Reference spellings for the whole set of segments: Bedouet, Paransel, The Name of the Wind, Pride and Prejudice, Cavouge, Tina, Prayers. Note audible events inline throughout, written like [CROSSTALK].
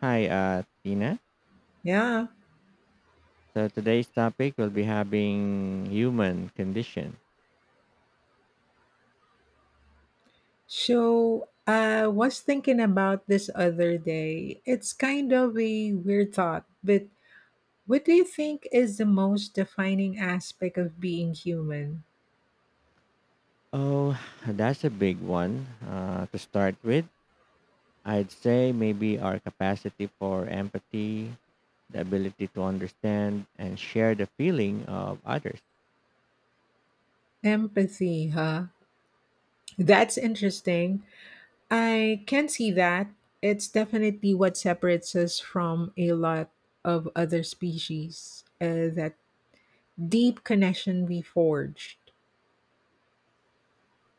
Hi, Tina. Yeah. So today's topic will be having human condition. So I was thinking about this other day. It's kind of a weird thought, but what do you think is the most defining aspect of being human? Oh, [SIGHS] that's a big one to start with. I'd say maybe our capacity for empathy, the ability to understand and share the feeling of others. Empathy, huh? That's interesting. I can see that. It's definitely what separates us from a lot of other species, that deep connection we forged.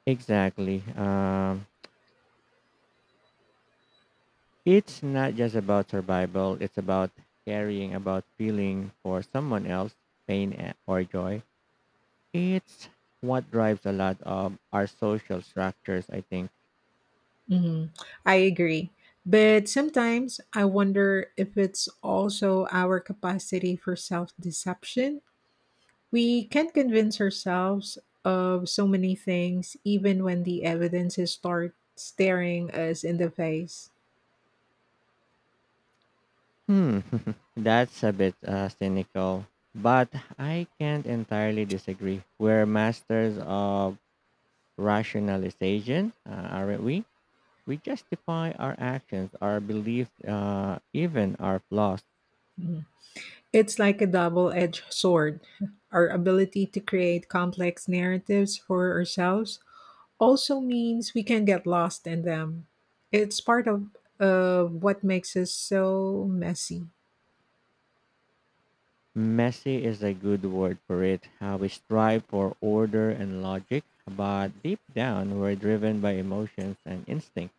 Exactly. It's not just about survival. It's about caring about feeling for someone else, or joy. It's what drives a lot of our social structures, I think. Mhm. I agree. But sometimes I wonder if it's also our capacity for self deception. We can convince ourselves of so many things, even when the evidence is start staring us in the face. Hmm. [LAUGHS] That's a bit cynical, but I can't entirely disagree. We're masters of rationalization, aren't we? We justify our actions, our beliefs, even our flaws. Mhm. It's like a double edged sword. Our ability to create complex narratives for ourselves also means we can get lost in them. It's part of what makes us so messy. Messy is a good word for it. We strive for order and logic, but deep down, we're driven by emotions and instinct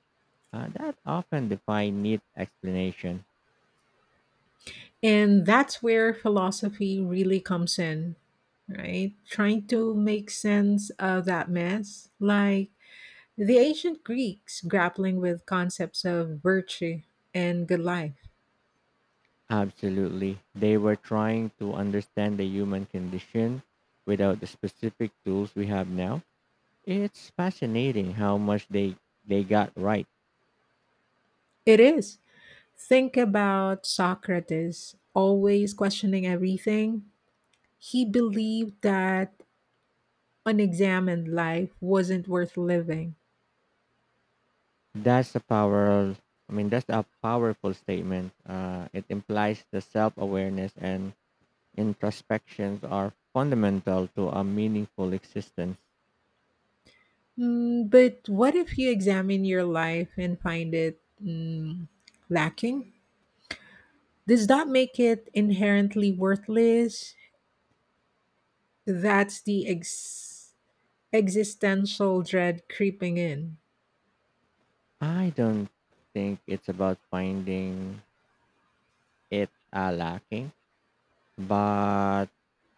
that often defy neat explanation. And that's where philosophy really comes in, right? Trying to make sense of that mess, like the ancient Greeks grappling with concepts of virtue and good life. Absolutely. They were trying to understand the human condition without the specific tools we have now. It's fascinating how much they got right. It is. Think about Socrates always questioning everything. He believed that unexamined life wasn't worth living. That's a power I mean, that's a powerful statement. It implies the self-awareness and introspections are fundamental to a meaningful existence. But what if you examine your life and find it lacking? Does that make it inherently worthless? That's the existential dread creeping in. I don't think it's about finding it lacking, but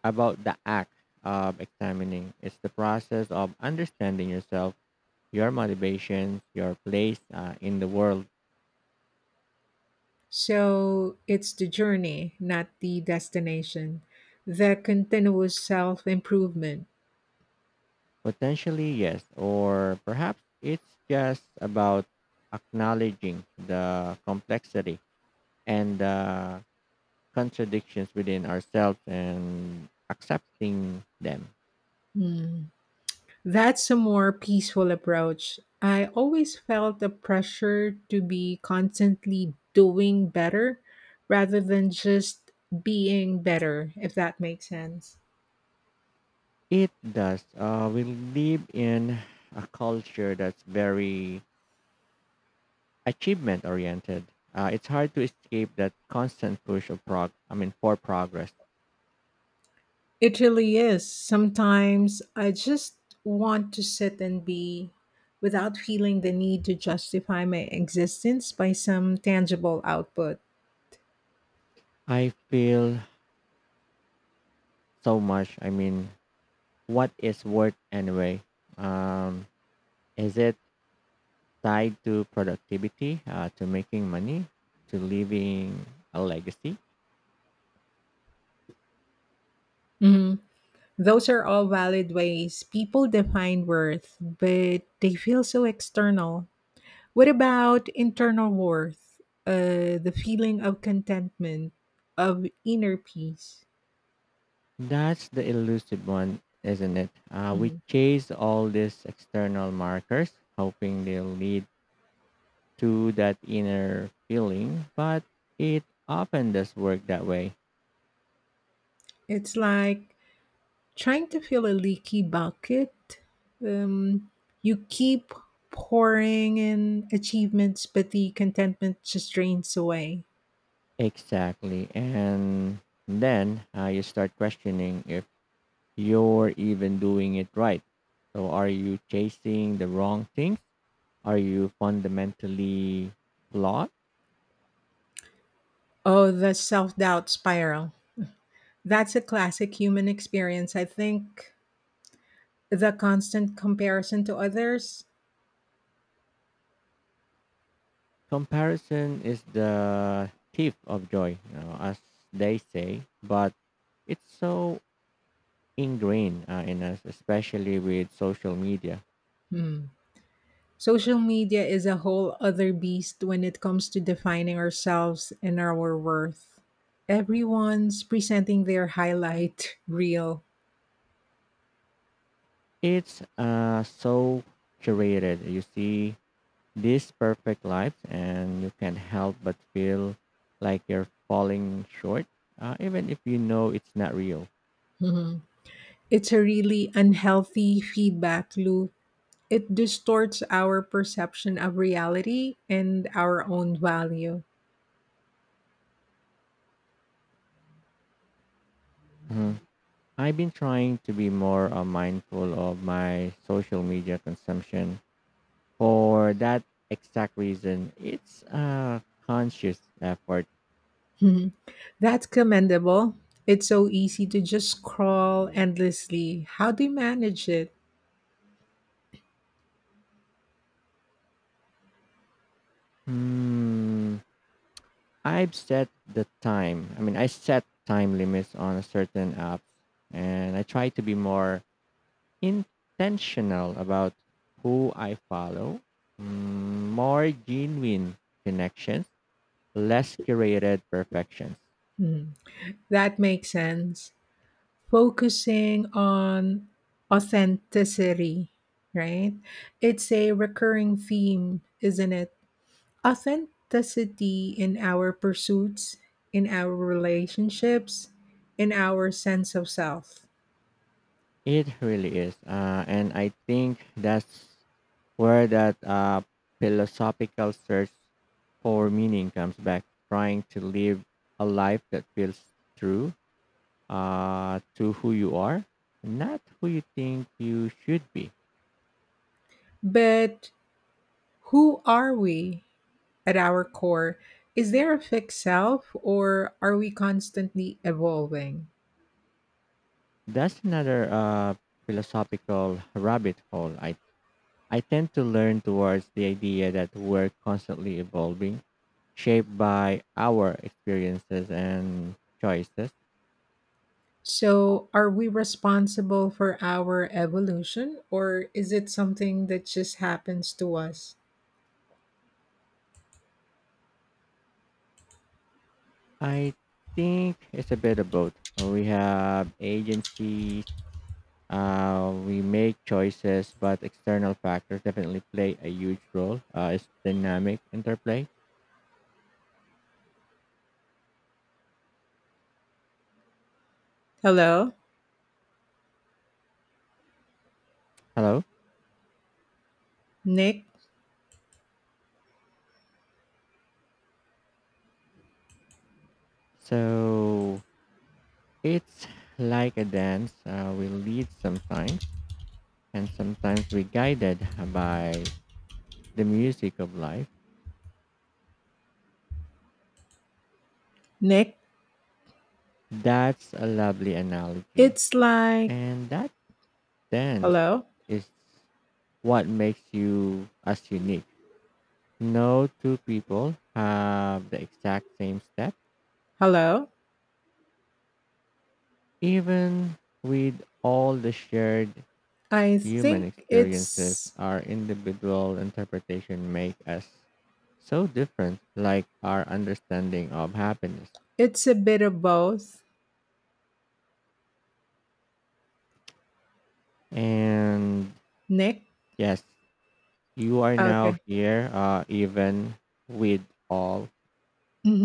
about the act of examining. It's the process of understanding yourself, your motivations, your place in the world. So it's the journey, not the destination, the continuous self improvement. Potentially, yes, or perhaps it's just about acknowledging the complexity and the contradictions within ourselves and accepting them. That's a more peaceful approach. I always felt the pressure to be constantly doing better rather than just being better, if that makes sense. It does. We live in a culture that's very achievement oriented, it's hard to escape that constant push of prog. I mean, for progress. It really is. Sometimes I just want to sit and be without feeling the need to justify my existence by some tangible output. I feel so much. I mean, what is worth anyway? Um, is it tied to productivity, to making money, to leaving a legacy? Mhm. Those are all valid ways people define worth, but they feel so external. What about internal worth? The feeling of contentment, of inner peace? That's the elusive one, isn't it? We Mhm. chase all these external markers, hoping they'll lead to that inner feeling, but it often does work that way. It's like trying to fill a leaky bucket, um, you keep pouring in achievements, but the contentment just drains away. Exactly. And then you start questioning if you're even doing it right. So, are you chasing the wrong things? Are you fundamentally flawed? Oh, the self doubt spiral. That's a classic human experience, I think. The constant comparison to others. Comparison is the thief of joy, you know, as they say, but it's so ingrained in us, especially with social media. Hmm. Social media is a whole other beast when it comes to defining ourselves and our worth. Everyone's presenting their highlight [LAUGHS] reel. It's so curated. You see these perfect lives and you can't help but feel like you're falling short even if you know it's not real. Mhm. It's a really unhealthy feedback loop. It distorts our perception of reality and our own value. [LAUGHS] Mhm. I've been trying to be more mindful of my social media consumption for that exact reason. It's a conscious effort. Mhm. That's commendable. It's so easy to just scroll endlessly. How do you manage it? Hmm. I mean, I set time limits on a certain apps and I try to be more intentional about who I follow, more genuine connections, less curated perfections. Mhm. That makes sense. Focusing on authenticity, right? It's a recurring theme, isn't it? Authenticity in our pursuits, in our relationships, in our sense of self. It really is. And I think that's where that philosophical search for meaning comes back, trying to live a life that feels true to who you are, not who you think you should be. But who are we at our core? Is there a fixed self, or are we constantly evolving? That's another philosophical rabbit hole. I tend to learn towards the idea that we're constantly evolving, shaped by our experiences and choices. So, are we responsible for our evolution, or is it something that just happens to us? I think it's a bit of both. We have agencies, we make choices, but external factors definitely play a huge role. It's dynamic interplay. Hello, Hello? Nick. So it's like a dance. We lead sometimes, and sometimes we guided by the music of life. Nick, That's a lovely analogy. it's like. And that dance Hello? is what makes you as unique. No two people have the exact same step, Hello? even with all the shared I human think experiences it's our individual interpretation make us so different, like our understanding of happiness it's a bit of both. and Nick. yes you are now Okay. here even with all.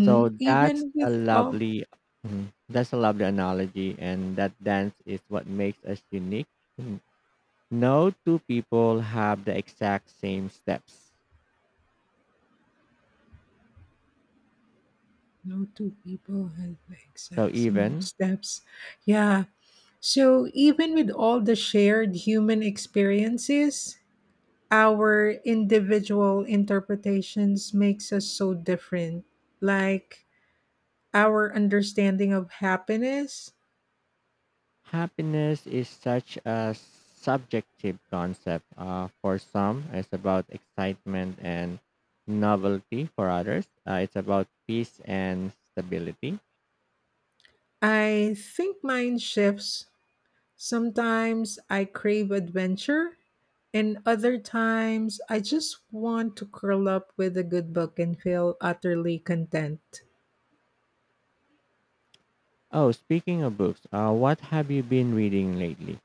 So that's Even a with all, lovely mhm, that's a lovely analogy and that dance is what makes us unique. N- No two people have the exact same steps. no two people have the So exact same even steps. Yeah. So even with all the shared human experiences, our individual interpretations makes us so different, like our understanding of happiness. happiness is such a subjective concept. For some, it's about excitement and novelty. For others, it's about peace and stability. I think mine shifts. Sometimes I crave adventure, and other times I just want to curl up with a good book and feel utterly content. Oh, speaking of books, what have you been reading lately?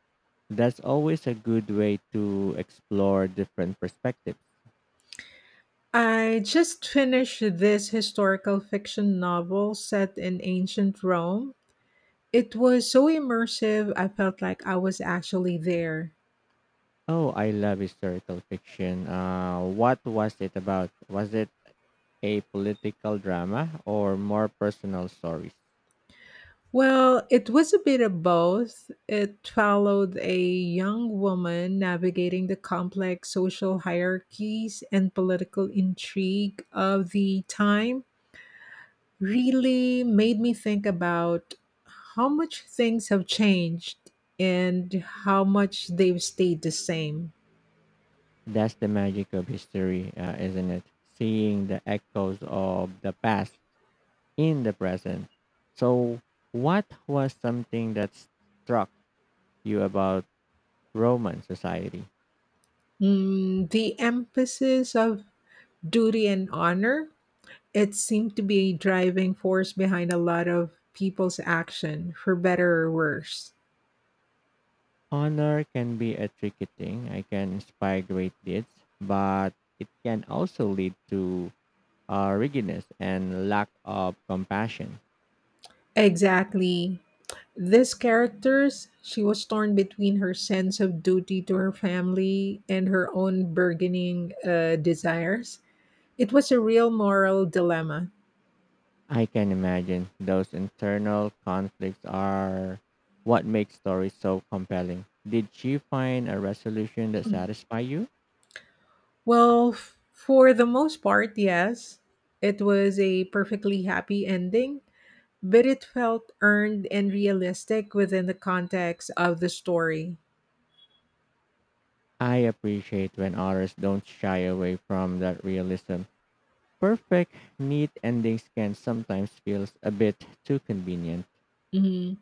That's always a good way to explore different perspectives. I just finished this historical fiction novel set in ancient Rome. It was so immersive, I felt like I was actually there. Oh, I love historical fiction. What was it about? Was it a political drama or more personal stories? Well, it was a bit of both. It followed a young woman navigating the complex social hierarchies and political intrigue of the time. Really made me think about how much things have changed and how much they've stayed the same. That's the magic of history, isn't it? Seeing the echoes of the past in the present. So, what was something that struck you about Roman society? Mm, the emphasis of duty and honor. It seemed to be a driving force behind a lot of people's action, for better or worse. Honor can be a tricky thing. I can inspire great deeds, but it can also lead to rigidness and lack of compassion. Exactly. This characters, she was torn between her sense of duty to her family and her own burgeoning desires. It was a real moral dilemma. I can imagine those internal conflicts are what makes stories so compelling. Did she find a resolution that satisfied you? Well, for the most part, yes. It was a perfectly happy ending, but it felt earned and realistic within the context of the story. I appreciate when authors don't shy away from that realism. Perfect, neat endings can sometimes feel a bit too convenient, Mhm.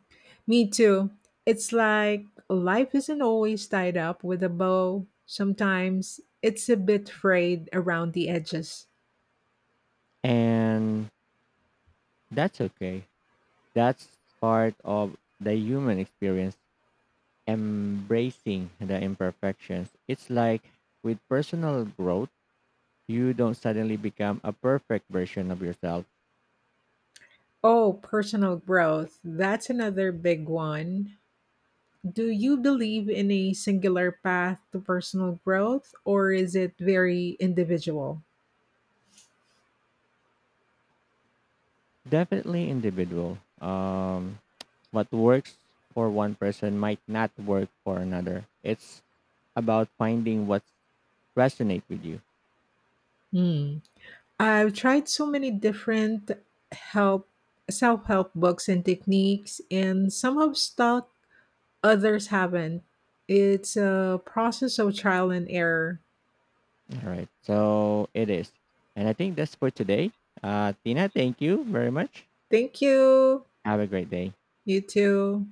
Me too. It's like life isn't always tied up with a bow. Sometimes it's a bit frayed around the edges. and that's okay. That's part of the human experience, embracing the imperfections. It's like with personal growth, you don't suddenly become a perfect version of yourself. Oh, personal growth. That's another big one. Do you believe in a singular path to personal growth or is it very individual? Definitely individual. What works for one person might not work for another. It's about finding what resonates with you. Hmm. I've tried so many different help self-help books and techniques and some have stuck, others haven't. It's a process of trial and error. All right. So it is. And I think that's for today. Tina, thank you very much. Thank you. Have a great day. You too.